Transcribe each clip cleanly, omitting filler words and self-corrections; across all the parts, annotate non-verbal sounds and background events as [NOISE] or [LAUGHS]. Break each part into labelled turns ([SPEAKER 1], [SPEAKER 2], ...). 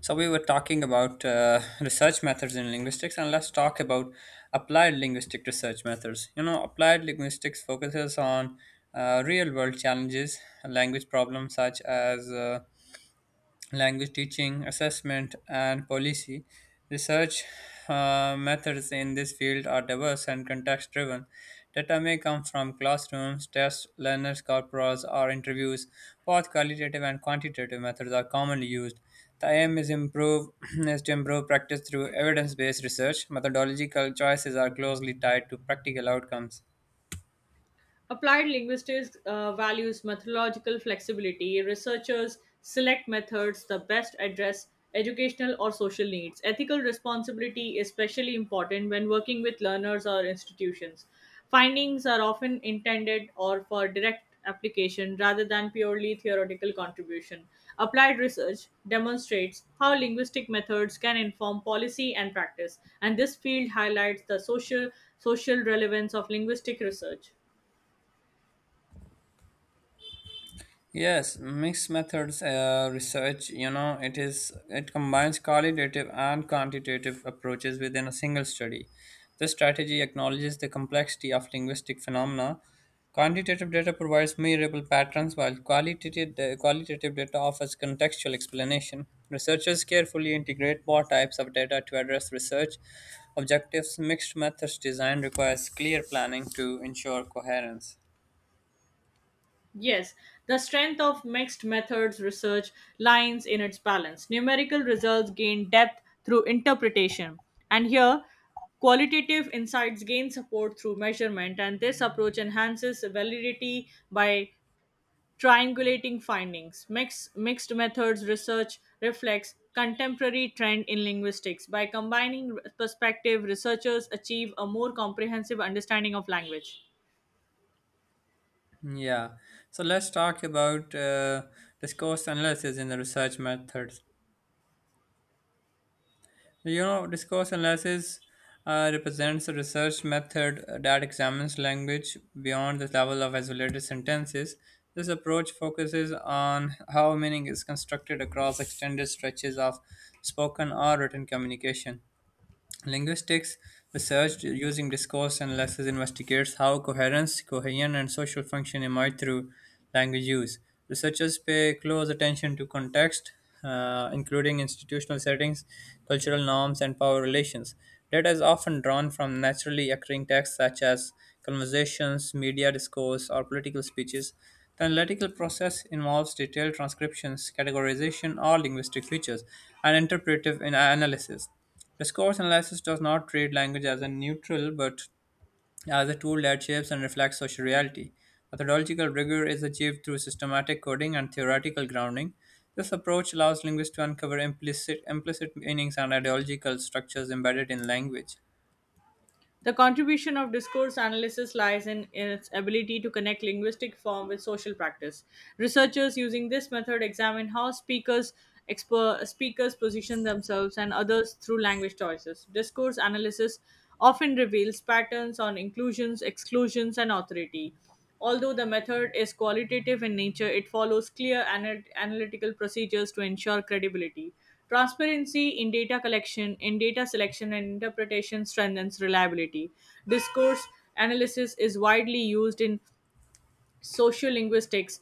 [SPEAKER 1] So we were talking about research methods in linguistics, and let's talk about applied linguistic research methods. You know, applied linguistics focuses on real-world challenges, language problems such as language teaching, assessment, and policy. Research methods in this field are diverse and context driven. Data may come from classrooms, tests, learners' corporas, or interviews. Both qualitative and quantitative methods are commonly used. The aim is, improve, [CLEARS THROAT] is to improve practice through evidence based research. Methodological choices are closely tied to practical outcomes.
[SPEAKER 2] Applied linguistics values methodological flexibility. Researchers select methods that best address educational or social needs. Ethical responsibility is especially important when working with learners or institutions. Findings are often intended or for direct application rather than purely theoretical contribution. Applied research demonstrates how linguistic methods can inform policy and practice, and this field highlights the social relevance of linguistic research.
[SPEAKER 1] Yes, mixed methods research, you know, it combines qualitative and quantitative approaches within a single study. This strategy acknowledges the complexity of linguistic phenomena. Quantitative data provides measurable patterns, while qualitative data offers contextual explanation. Researchers carefully integrate both types of data to address research objectives. Mixed methods design requires clear planning to ensure coherence.
[SPEAKER 2] Yes, the strength of mixed methods research lies in its balance. Numerical results gain depth through interpretation, and here qualitative insights gain support through measurement, and this approach enhances validity by triangulating findings. Mixed methods research reflects contemporary trend in linguistics. By combining perspective, researchers achieve a more comprehensive understanding of language.
[SPEAKER 1] Yeah, so let's talk about discourse analysis in the research methods. You know, discourse analysis represents a research method that examines language beyond the level of isolated sentences. This approach focuses on how meaning is constructed across extended stretches of spoken or written communication. Linguistics research using discourse analysis investigates how coherence, cohesion, and social function emerge through language use. Researchers pay close attention to context, including institutional settings, cultural norms, and power relations. Data is often drawn from naturally occurring texts such as conversations, media discourse, or political speeches. The analytical process involves detailed transcriptions, categorization, or linguistic features, and analysis. Discourse analysis does not treat language as a neutral but as a tool that shapes and reflects social reality. Methodological rigor is achieved through systematic coding and theoretical grounding. This approach allows linguists to uncover implicit meanings and ideological structures embedded in language.
[SPEAKER 2] The contribution of discourse analysis lies in its ability to connect linguistic form with social practice. Researchers using this method examine how speakers position themselves and others through language choices. Discourse analysis often reveals patterns on inclusions, exclusions, and authority. Although the method is qualitative in nature, it follows clear analytical procedures to ensure credibility. Transparency in data collection, in data selection and interpretation strengthens reliability. Discourse analysis is widely used in social linguistics,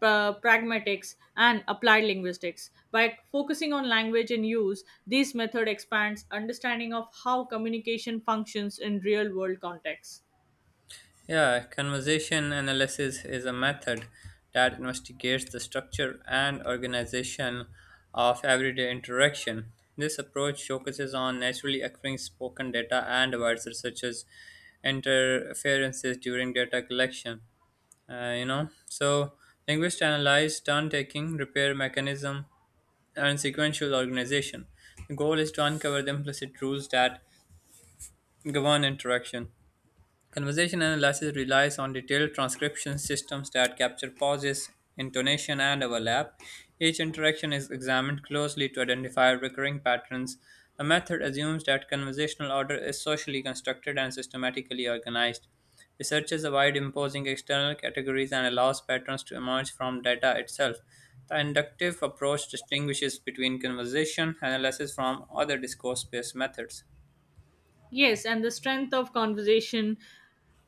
[SPEAKER 2] pragmatics, and applied linguistics. By focusing on language and use, this method expands understanding of how communication functions in real world contexts.
[SPEAKER 1] Yeah, conversation analysis is a method that investigates the structure and organization of everyday interaction. This approach focuses on naturally occurring spoken data and avoids researchers' interferences during data collection. So linguists analyze turn taking, repair mechanism, and sequential organization. The goal is to uncover the implicit rules that govern interaction. Conversation analysis relies on detailed transcription systems that capture pauses, intonation, and overlap. Each interaction is examined closely to identify recurring patterns. The method assumes that conversational order is socially constructed and systematically organized. Researchers avoid imposing external categories and allows patterns to emerge from data itself. The inductive approach distinguishes between conversation analysis from other discourse based methods.
[SPEAKER 2] Yes, and the strength of conversation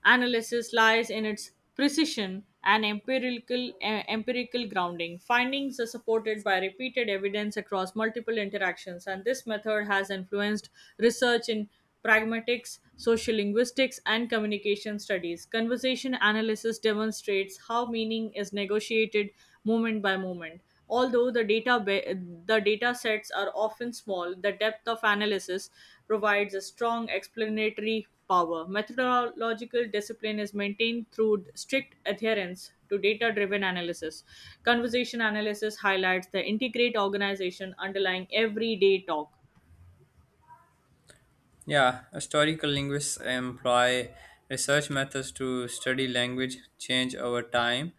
[SPEAKER 2] analysis lies in its precision and empirical grounding. Findings are supported by repeated evidence across multiple interactions, and this method has influenced research in pragmatics, social linguistics, and communication studies. Conversation analysis demonstrates how meaning is negotiated moment by moment. Although the data sets are often small, the depth of analysis provides a strong explanatory power. Methodological discipline is maintained through strict adherence to data driven analysis. Conversation analysis highlights the integrate organization underlying everyday talk.
[SPEAKER 1] Yeah, historical linguists employ research methods to study language change over time,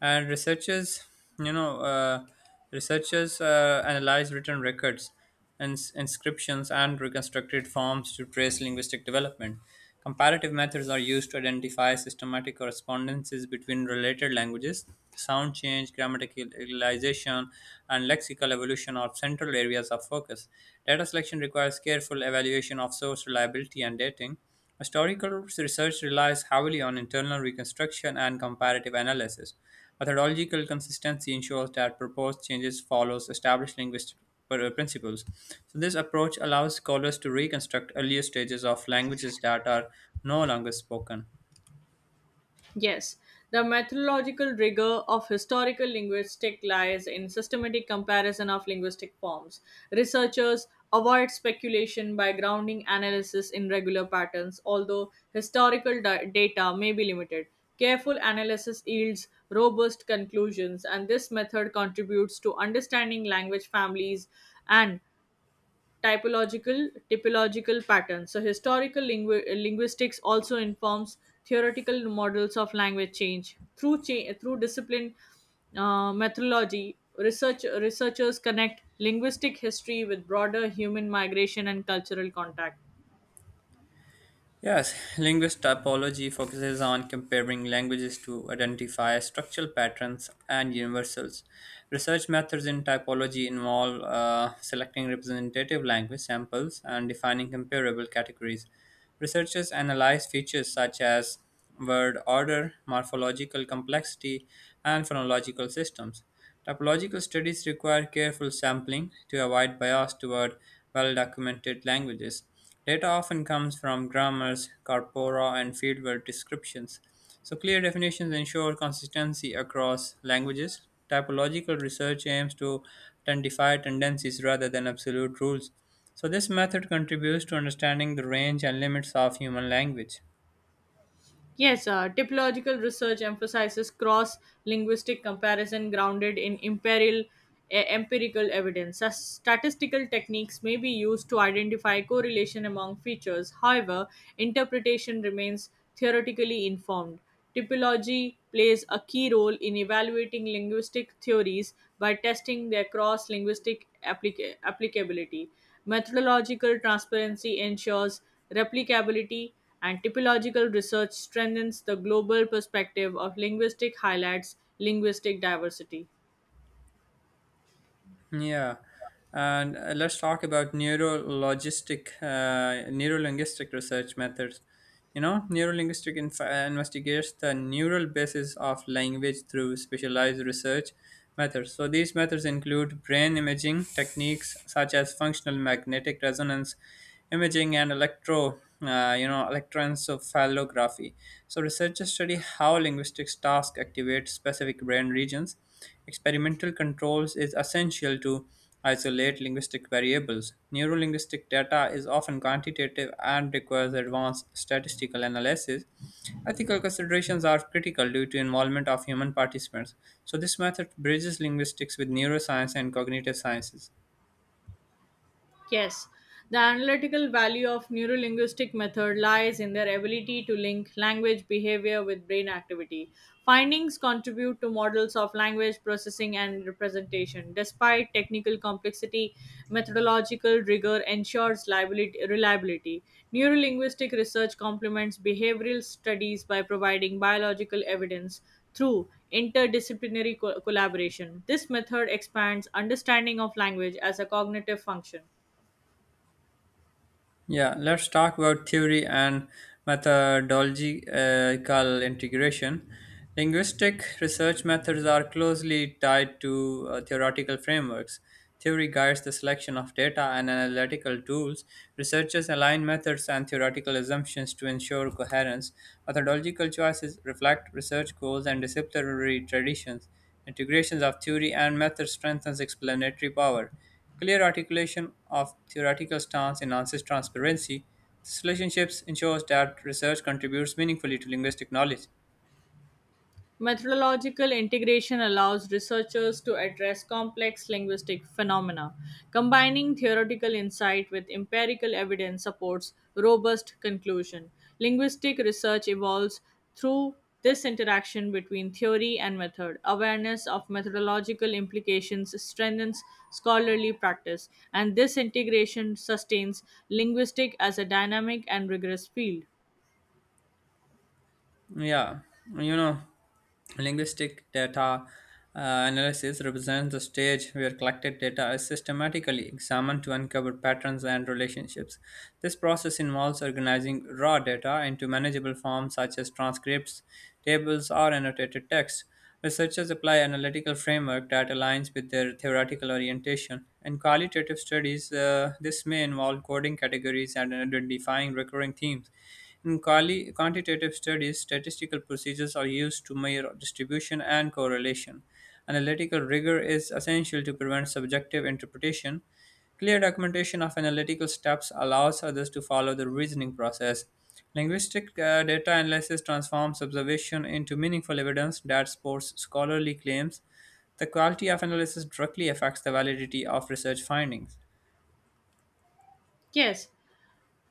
[SPEAKER 1] and researchers, you know, researchers analyze written records and inscriptions and reconstructed forms to trace linguistic development. Comparative methods are used to identify systematic correspondences between related languages. Sound change, grammaticalization, and lexical evolution are central areas of focus. Data selection requires careful evaluation of source reliability and dating. Historical research relies heavily on internal reconstruction and comparative analysis. Methodological consistency ensures that proposed changes follows established linguistic principles. So this approach allows scholars to reconstruct earlier stages of languages that are no longer spoken.
[SPEAKER 2] Yes, the methodological rigor of historical linguistics lies in systematic comparison of linguistic forms. Researchers avoid speculation by grounding analysis in regular patterns, although data may be limited. Careful analysis yields robust conclusions, and this method contributes to understanding language families and typological patterns. So historical linguistics also informs theoretical models of language change through discipline methodology. Researchers connect linguistic history with broader human migration and cultural contact.
[SPEAKER 1] Yes, linguist typology focuses on comparing languages to identify structural patterns and universals. Research methods in typology involve selecting representative language samples and defining comparable categories. Researchers analyze features such as word order, morphological complexity, and phonological systems. Typological studies require careful sampling to avoid bias toward well documented languages. Data often comes from grammars, corpora, and fieldwork descriptions, so clear definitions ensure consistency across languages. Typological research aims to identify tendencies rather than absolute rules. So, this method contributes to understanding the range and limits of human language.
[SPEAKER 2] Yes, typological research emphasizes cross linguistic comparison grounded in empirical evidence. Statistical techniques may be used to identify correlation among features. However, interpretation remains theoretically informed. Typology plays a key role in evaluating linguistic theories by testing their cross linguistic applicability. Methodological transparency ensures replicability, and typological research strengthens the global perspective of linguistic highlights linguistic diversity.
[SPEAKER 1] Yeah, and let's talk about neurolinguistic research methods. You know, neurolinguistic investigates the neural basis of language through specialized research methods. So these methods include brain imaging techniques such as functional magnetic resonance imaging and electroencephalography. So researchers study how linguistics task activate specific brain regions. Experimental controls is essential to isolate linguistic variables. Neurolinguistic data is often quantitative and requires advanced statistical analysis. Ethical considerations are critical due to involvement of human participants. So this method bridges linguistics with neuroscience and cognitive sciences.
[SPEAKER 2] Yes, the analytical value of neurolinguistic method lies in their ability to link language behavior with brain activity. Findings contribute to models of language processing and representation. Despite technical complexity, methodological rigor ensures reliability. Neurolinguistic research complements behavioral studies by providing biological evidence through interdisciplinary collaboration. This method expands understanding of language as a cognitive function.
[SPEAKER 1] Yeah, let's talk about theory and methodological integration. Linguistic research methods are closely tied to theoretical frameworks. Theory guides the selection of data and analytical tools. Researchers align methods and theoretical assumptions to ensure coherence. Methodological choices reflect research goals and disciplinary traditions. Integrations of theory and method strengthens explanatory power. Clear articulation of theoretical stance enhances transparency. This relationship ensures that research contributes meaningfully to linguistic knowledge.
[SPEAKER 2] Methodological integration allows researchers to address complex linguistic phenomena. Combining theoretical insight with empirical evidence supports robust conclusion. Linguistic research evolves through this interaction between theory and method. Awareness of methodological implications strengthens scholarly practice, and this integration sustains linguistics as a dynamic and rigorous field.
[SPEAKER 1] Yeah, you know, linguistic data analysis represents the stage where collected data is systematically examined to uncover patterns and relationships. This process involves organizing raw data into manageable forms such as transcripts, tables, or annotated text. Researchers apply analytical framework that aligns with their theoretical orientation. In qualitative studies, this may involve coding categories and identifying recurring themes. In quantitative studies, statistical procedures are used to measure distribution and correlation. Analytical rigor is essential to prevent subjective interpretation. Clear documentation of analytical steps allows others to follow the reasoning process. Linguistic data analysis transforms observation into meaningful evidence that supports scholarly claims. The quality of analysis directly affects the validity of research findings.
[SPEAKER 2] Yes,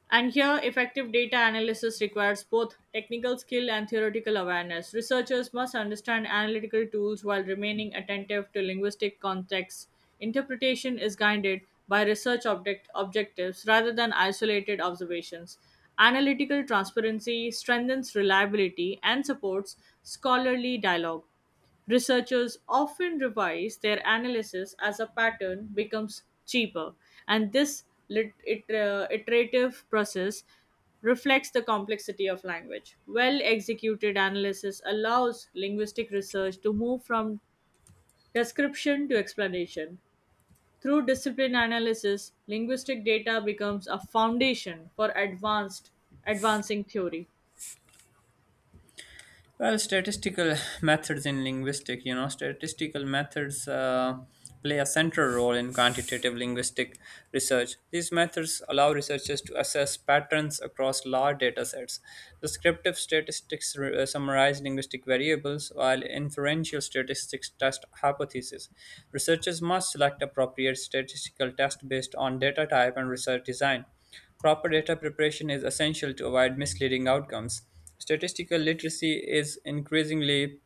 [SPEAKER 2] and here, effective data analysis requires both technical skill and theoretical awareness. Researchers must understand analytical tools while remaining attentive to linguistic contexts. Interpretation is guided by objectives rather than isolated observations. Analytical transparency strengthens reliability and supports scholarly dialogue. Researchers often revise their analysis as a pattern becomes cheaper, and this iterative process reflects the complexity of language. Well executed analysis allows linguistic research to move from description to explanation. Through discipline analysis, linguistic data becomes a foundation for advanced advancing theory.
[SPEAKER 1] Well, statistical [LAUGHS] methods in linguistic, you know, statistical methods play a central role in quantitative linguistic research. These methods allow researchers to assess patterns across large data sets. Descriptive statistics summarize linguistic variables, while inferential statistics test hypotheses. Researchers must select appropriate statistical test based on data type and research design. Proper data preparation is essential to avoid misleading outcomes. Statistical literacy is increasingly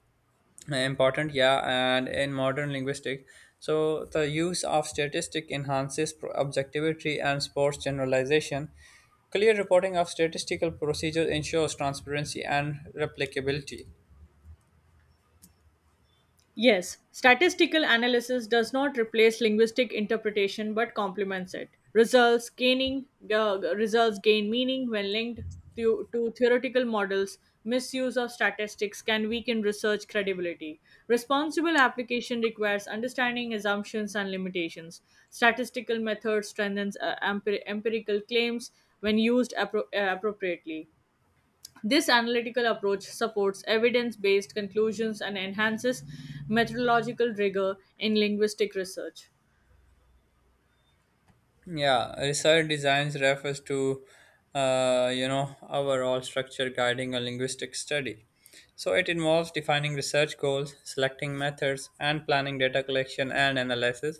[SPEAKER 1] important, yeah, and in modern linguistics. So, the use of statistic enhances objectivity and supports generalization. Clear reporting of statistical procedures ensures transparency and replicability.
[SPEAKER 2] Yes, statistical analysis does not replace linguistic interpretation but complements it. Results gain meaning when linked to theoretical models. Misuse of statistics can weaken research credibility. Responsible application requires understanding assumptions and limitations. Statistical methods strengthens empirical claims when used appropriately. This analytical approach supports evidence based conclusions and enhances methodological rigor in linguistic research.
[SPEAKER 1] Yeah, research designs refers to you know overall structure guiding a linguistic study. So it involves defining research goals, selecting methods, and planning data collection and analysis.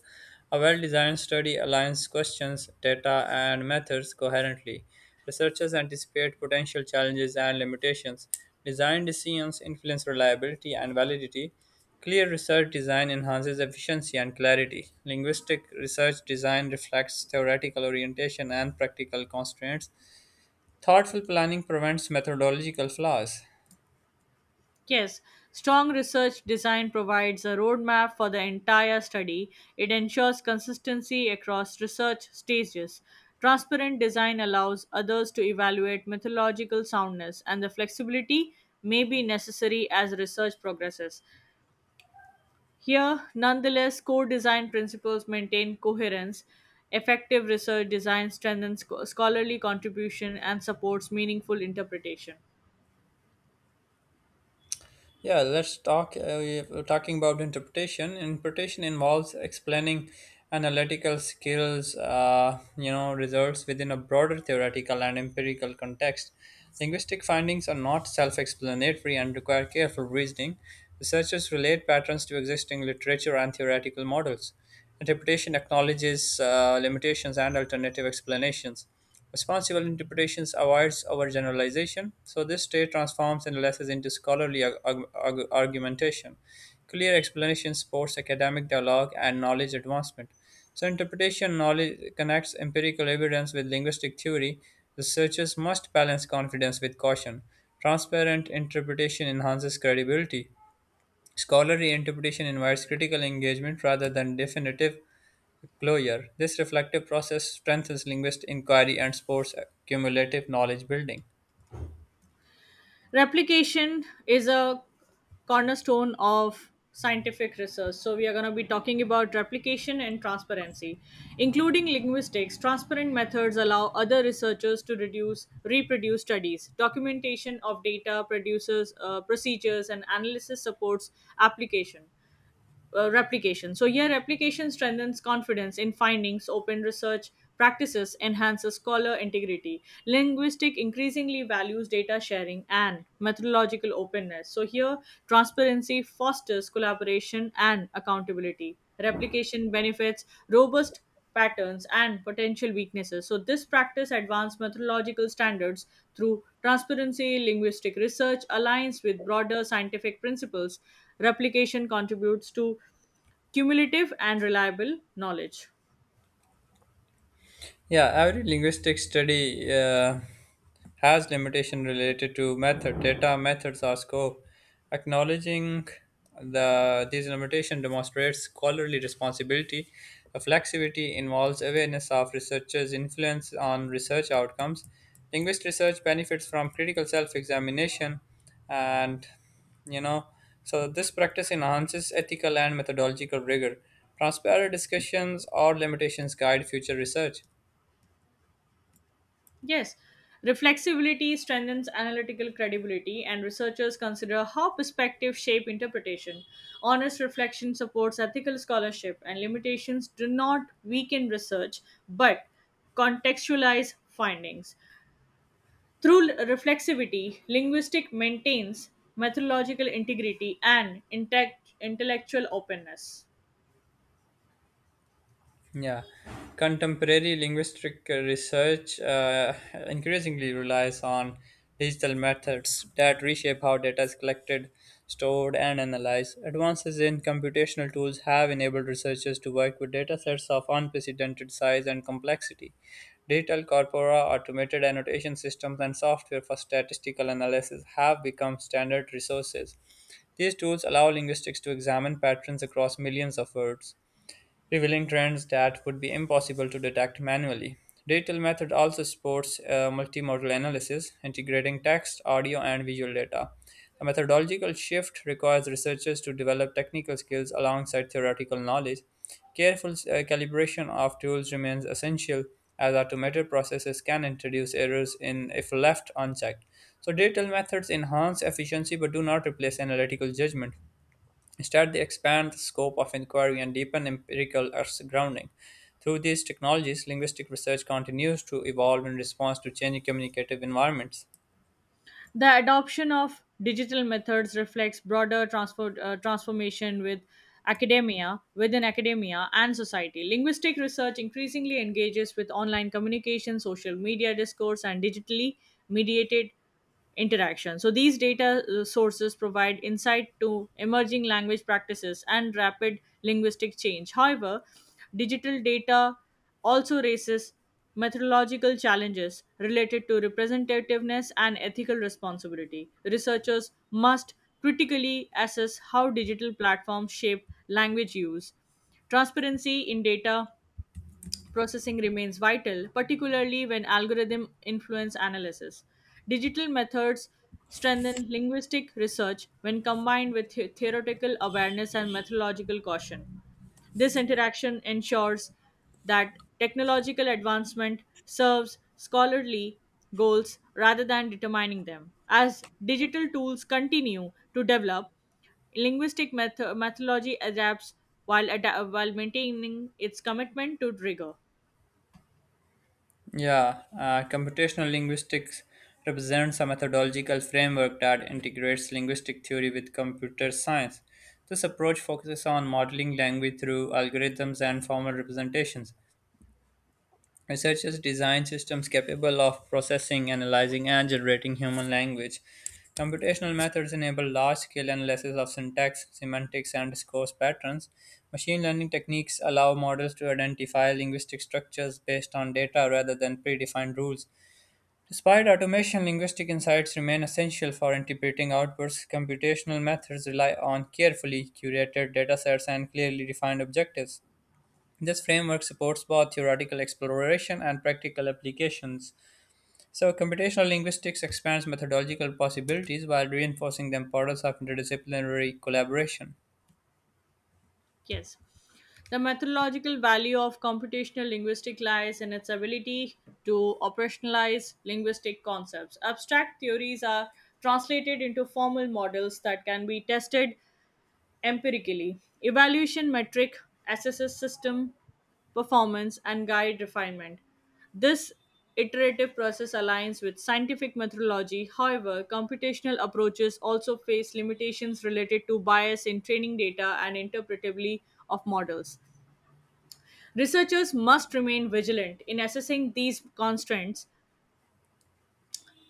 [SPEAKER 1] A well-designed study aligns questions, data, and methods coherently. Researchers anticipate potential challenges and limitations. Design decisions influence reliability and validity. Clear research design enhances efficiency and clarity. Linguistic research design reflects theoretical orientation and practical constraints. Thoughtful planning prevents methodological flaws.
[SPEAKER 2] Yes, strong research design provides a roadmap for the entire study. It ensures consistency across research stages. Transparent design allows others to evaluate methodological soundness, and the flexibility may be necessary as research progresses. Here, nonetheless, core design principles maintain coherence, effective research design strengthens scholarly contribution, and supports meaningful interpretation.
[SPEAKER 1] Yeah, let's talk. We're talking about interpretation. Interpretation involves explaining analytical skills, you know, results within a broader theoretical and empirical context. Linguistic findings are not self-explanatory and require careful reasoning. Researchers relate patterns to existing literature and theoretical models. Interpretation acknowledges limitations and alternative explanations. Responsible interpretations avoids overgeneralization, so this state transforms analysis into scholarly argumentation. Clear explanation supports academic dialogue and knowledge advancement. So, interpretation knowledge connects empirical evidence with linguistic theory. Researchers must balance confidence with caution. Transparent interpretation enhances credibility. Scholarly interpretation invites critical engagement rather than definitive Gloyer, this reflective process strengthens linguistic inquiry and supports cumulative knowledge building.
[SPEAKER 2] Replication is a cornerstone of scientific research. So, we are going to be talking about replication and transparency. Including linguistics, transparent methods allow other researchers to reproduce studies. Documentation of data, produces procedures, and analysis supports application. Replication. So here, replication strengthens confidence in findings, open research practices, enhances scholar integrity. Linguistic increasingly values data sharing and methodological openness. So here, transparency fosters collaboration and accountability. Replication benefits robust patterns, and potential weaknesses. So, this practice advanced methodological standards through transparency, linguistic research, aligns with broader scientific principles. Replication contributes to cumulative and reliable knowledge.
[SPEAKER 1] Yeah, every linguistic study has limitation related to method, data, methods, or scope. Acknowledging these limitation demonstrates scholarly responsibility. Reflexivity involves awareness of researchers' influence on research outcomes. Linguist research benefits from critical self-examination, and you know, so this practice enhances ethical and methodological rigor. Transparent discussions or limitations guide future research.
[SPEAKER 2] Yes, reflexibility strengthens analytical credibility, and researchers consider how perspectives shape interpretation. Honest reflection supports ethical scholarship, and limitations do not weaken research but contextualize findings. Through reflexivity, linguistic maintains methodological integrity and intellectual openness.
[SPEAKER 1] Yeah, contemporary linguistic research increasingly relies on digital methods that reshape how data is collected, stored, and analyzed. Advances in computational tools have enabled researchers to work with datasets of unprecedented size and complexity. Digital corpora, automated annotation systems, and software for statistical analysis have become standard resources. These tools allow linguistics to examine patterns across millions of words revealing trends that would be impossible to detect manually. Digital method also supports multimodal analysis, integrating text, audio, and visual data. The methodological shift requires researchers to develop technical skills alongside theoretical knowledge. Careful calibration of tools remains essential as automated processes can introduce errors in if left unchecked. So digital methods enhance efficiency but do not replace analytical judgment. Instead, they expand the scope of inquiry and deepen empirical earth's grounding. Through these technologies, linguistic research continues to evolve in response to changing communicative environments.
[SPEAKER 2] The adoption of digital methods reflects broader transformation with academia, within academia and society. Linguistic research increasingly engages with online communication, social media discourse, and digitally mediated interaction. So these data sources provide insight to emerging language practices and rapid linguistic change. However, digital data also raises methodological challenges related to representativeness and ethical responsibility. Researchers must critically assess how digital platforms shape language use. Transparency in data processing remains vital, particularly when algorithm influence analysis. Digital methods strengthen linguistic research when combined with theoretical awareness and methodological caution. This interaction ensures that technological advancement serves scholarly goals rather than determining them. As digital tools continue to develop, linguistic methodology adapts while maintaining its commitment to rigor.
[SPEAKER 1] Yeah, computational linguistics represents a methodological framework that integrates linguistic theory with computer science. This approach focuses on modeling language through algorithms and formal representations. Researchers design systems capable of processing, analyzing, and generating human language. Computational methods enable large scale analysis of syntax, semantics, and discourse patterns. Machine learning techniques allow models to identify linguistic structures based on data rather than predefined rules. Despite automation, linguistic insights remain essential for interpreting outputs. Computational methods rely on carefully curated datasets and clearly defined objectives. This framework supports both theoretical exploration and practical applications. So, computational linguistics expands methodological possibilities while reinforcing the importance of interdisciplinary collaboration.
[SPEAKER 2] Yes. The methodological value of computational linguistics lies in its ability to operationalize linguistic concepts. Abstract theories are translated into formal models that can be tested empirically. Evaluation metric assesses system performance and guide refinement. This iterative process aligns with scientific methodology. However, computational approaches also face limitations related to bias in training data and interpretability of models. Researchers must remain vigilant in assessing these constraints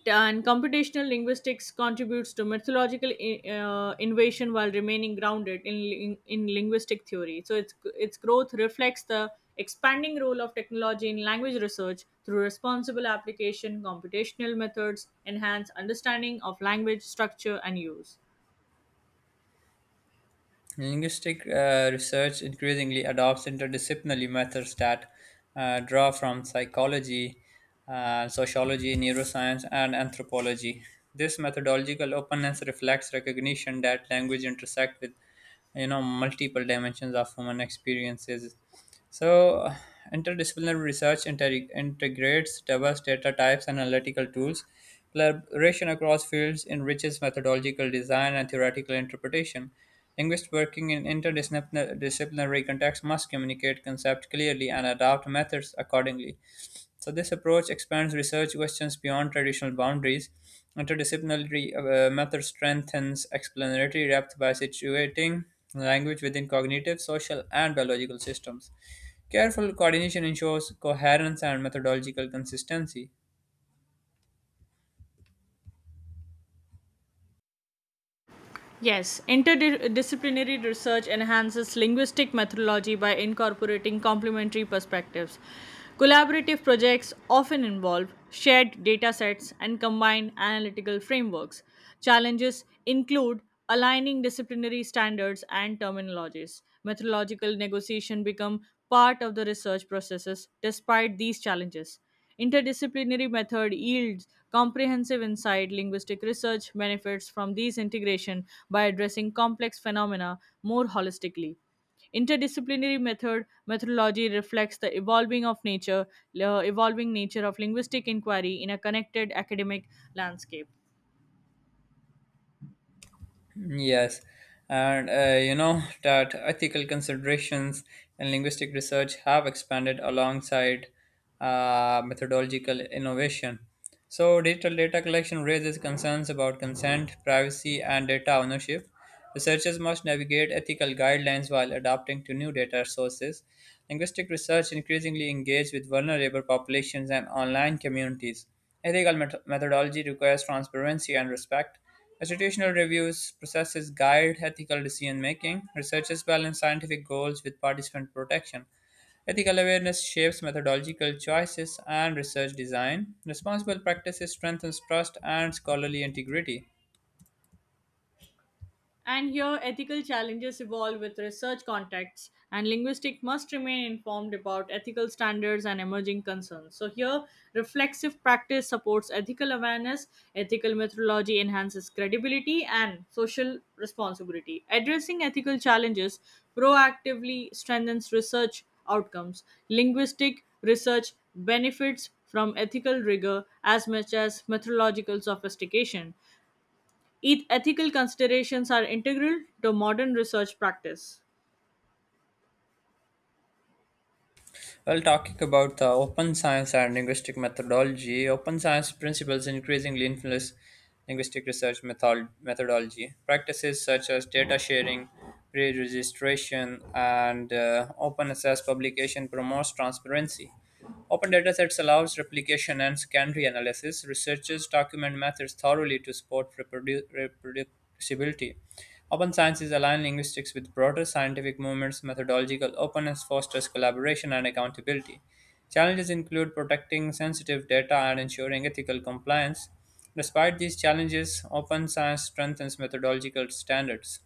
[SPEAKER 2] and computational linguistics contributes to methodological innovation while remaining grounded in linguistic theory. So its growth reflects the expanding role of technology in language research through responsible application, computational methods, enhance understanding of language structure and use.
[SPEAKER 1] Linguistic research increasingly adopts interdisciplinary methods that draw from psychology, sociology, neuroscience, and anthropology. This methodological openness reflects recognition that language intersects with you know multiple dimensions of human experiences. So, interdisciplinary research integrates diverse data types and analytical tools. Collaboration across fields enriches methodological design and theoretical interpretation. Linguists working in interdisciplinary contexts must communicate concepts clearly and adapt methods accordingly. So, this approach expands research questions beyond traditional boundaries. Interdisciplinary method strengthens explanatory depth by situating language within cognitive, social, and biological systems. Careful coordination ensures coherence and methodological consistency.
[SPEAKER 2] Yes, interdisciplinary research enhances linguistic methodology by incorporating complementary perspectives. Collaborative projects often involve shared data sets and combined analytical frameworks. Challenges include aligning disciplinary standards and terminologies. Methodological negotiation become part of the research processes despite these challenges. Interdisciplinary method yields comprehensive insight. Linguistic research benefits from these integration by addressing complex phenomena more holistically. Interdisciplinary method methodology reflects the evolving nature of linguistic inquiry in a connected academic landscape.
[SPEAKER 1] Yes, and you know that ethical considerations in linguistic research have expanded alongside methodological innovation. So, digital data collection raises concerns about consent, privacy, and data ownership. Researchers must navigate ethical guidelines while adapting to new data sources. Linguistic research increasingly engage with vulnerable populations and online communities. Ethical methodology requires transparency and respect. Institutional reviews processes guide ethical decision making. Researchers balance scientific goals with participant protection. Ethical awareness shapes methodological choices and research design. Responsible practices strengthens trust and scholarly integrity.
[SPEAKER 2] And here, ethical challenges evolve with research contexts, and linguistics must remain informed about ethical standards and emerging concerns. So, here, reflexive practice supports ethical awareness, ethical methodology enhances credibility, and social responsibility. Addressing ethical challenges proactively strengthens research outcomes. Linguistic research benefits from ethical rigor as much as methodological sophistication. Ethical considerations are integral to modern research practice.
[SPEAKER 1] Well, talking about the open science and linguistic methodology, open science principles increasingly influence linguistic research methodology. Practices such as data sharing, pre registration, and open access publication promotes transparency. Open datasets allows replication and secondary analysis. Researchers document methods thoroughly to support reproducibility. Open science is aligned linguistics with broader scientific movements. Methodological openness fosters collaboration and accountability. Challenges include protecting sensitive data and ensuring ethical compliance. Despite these challenges, open science strengthens methodological standards.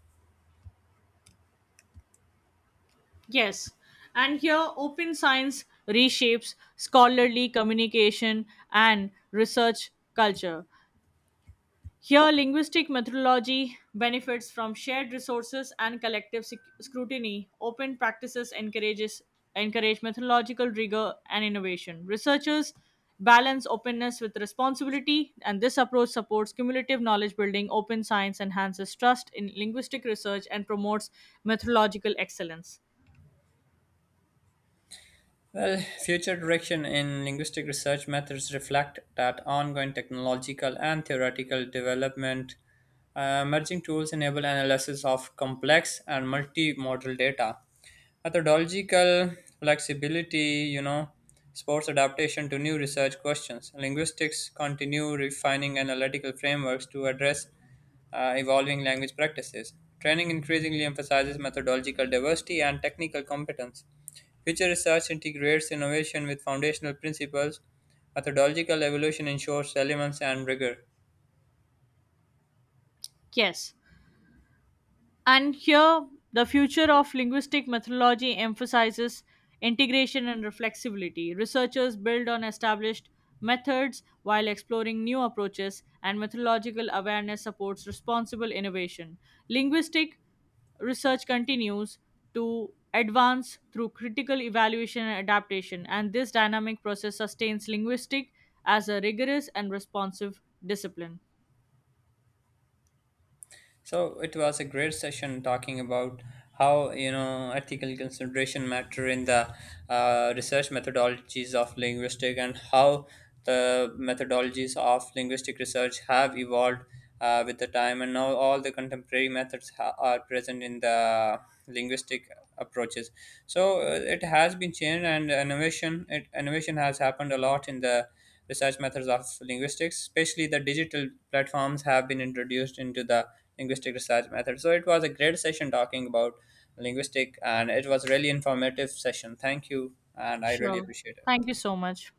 [SPEAKER 2] Yes, and here open science reshapes scholarly communication and research culture. Here, linguistic methodology benefits from shared resources and collective scrutiny. Open practices encourage methodological rigor and innovation. Researchers balance openness with responsibility, and this approach supports cumulative knowledge building. Open science enhances trust in linguistic research and promotes methodological excellence.
[SPEAKER 1] Well, future direction in linguistic research methods reflect that ongoing technological and theoretical development. Emerging tools enable analysis of complex and multimodal data, methodological flexibility, you know, sports adaptation to new research questions. Linguistics continue refining analytical frameworks to address evolving language practices. Training increasingly emphasizes methodological diversity and technical competence. Future research integrates innovation with foundational principles. Methodological evolution ensures relevance and rigor.
[SPEAKER 2] Yes. And here, the future of linguistic methodology emphasizes integration and reflexivity. Researchers build on established methods while exploring new approaches, and methodological awareness supports responsible innovation. Linguistic research continues to advance through critical evaluation and adaptation, and this dynamic process sustains linguistic as a rigorous and responsive discipline.
[SPEAKER 1] So it was a great session talking about how you know ethical consideration matter in the research methodologies of linguistic and how the methodologies of linguistic research have evolved with the time and now all the contemporary methods are present in the linguistic approaches so it has been changed and innovation has happened a lot in the research methods of linguistics especially the digital platforms have been introduced into the linguistic research method. So it was a great session talking about linguistic, and it was really informative session. Thank you, and I really
[SPEAKER 2] Sure.
[SPEAKER 1] appreciate it.
[SPEAKER 2] Thank you so much.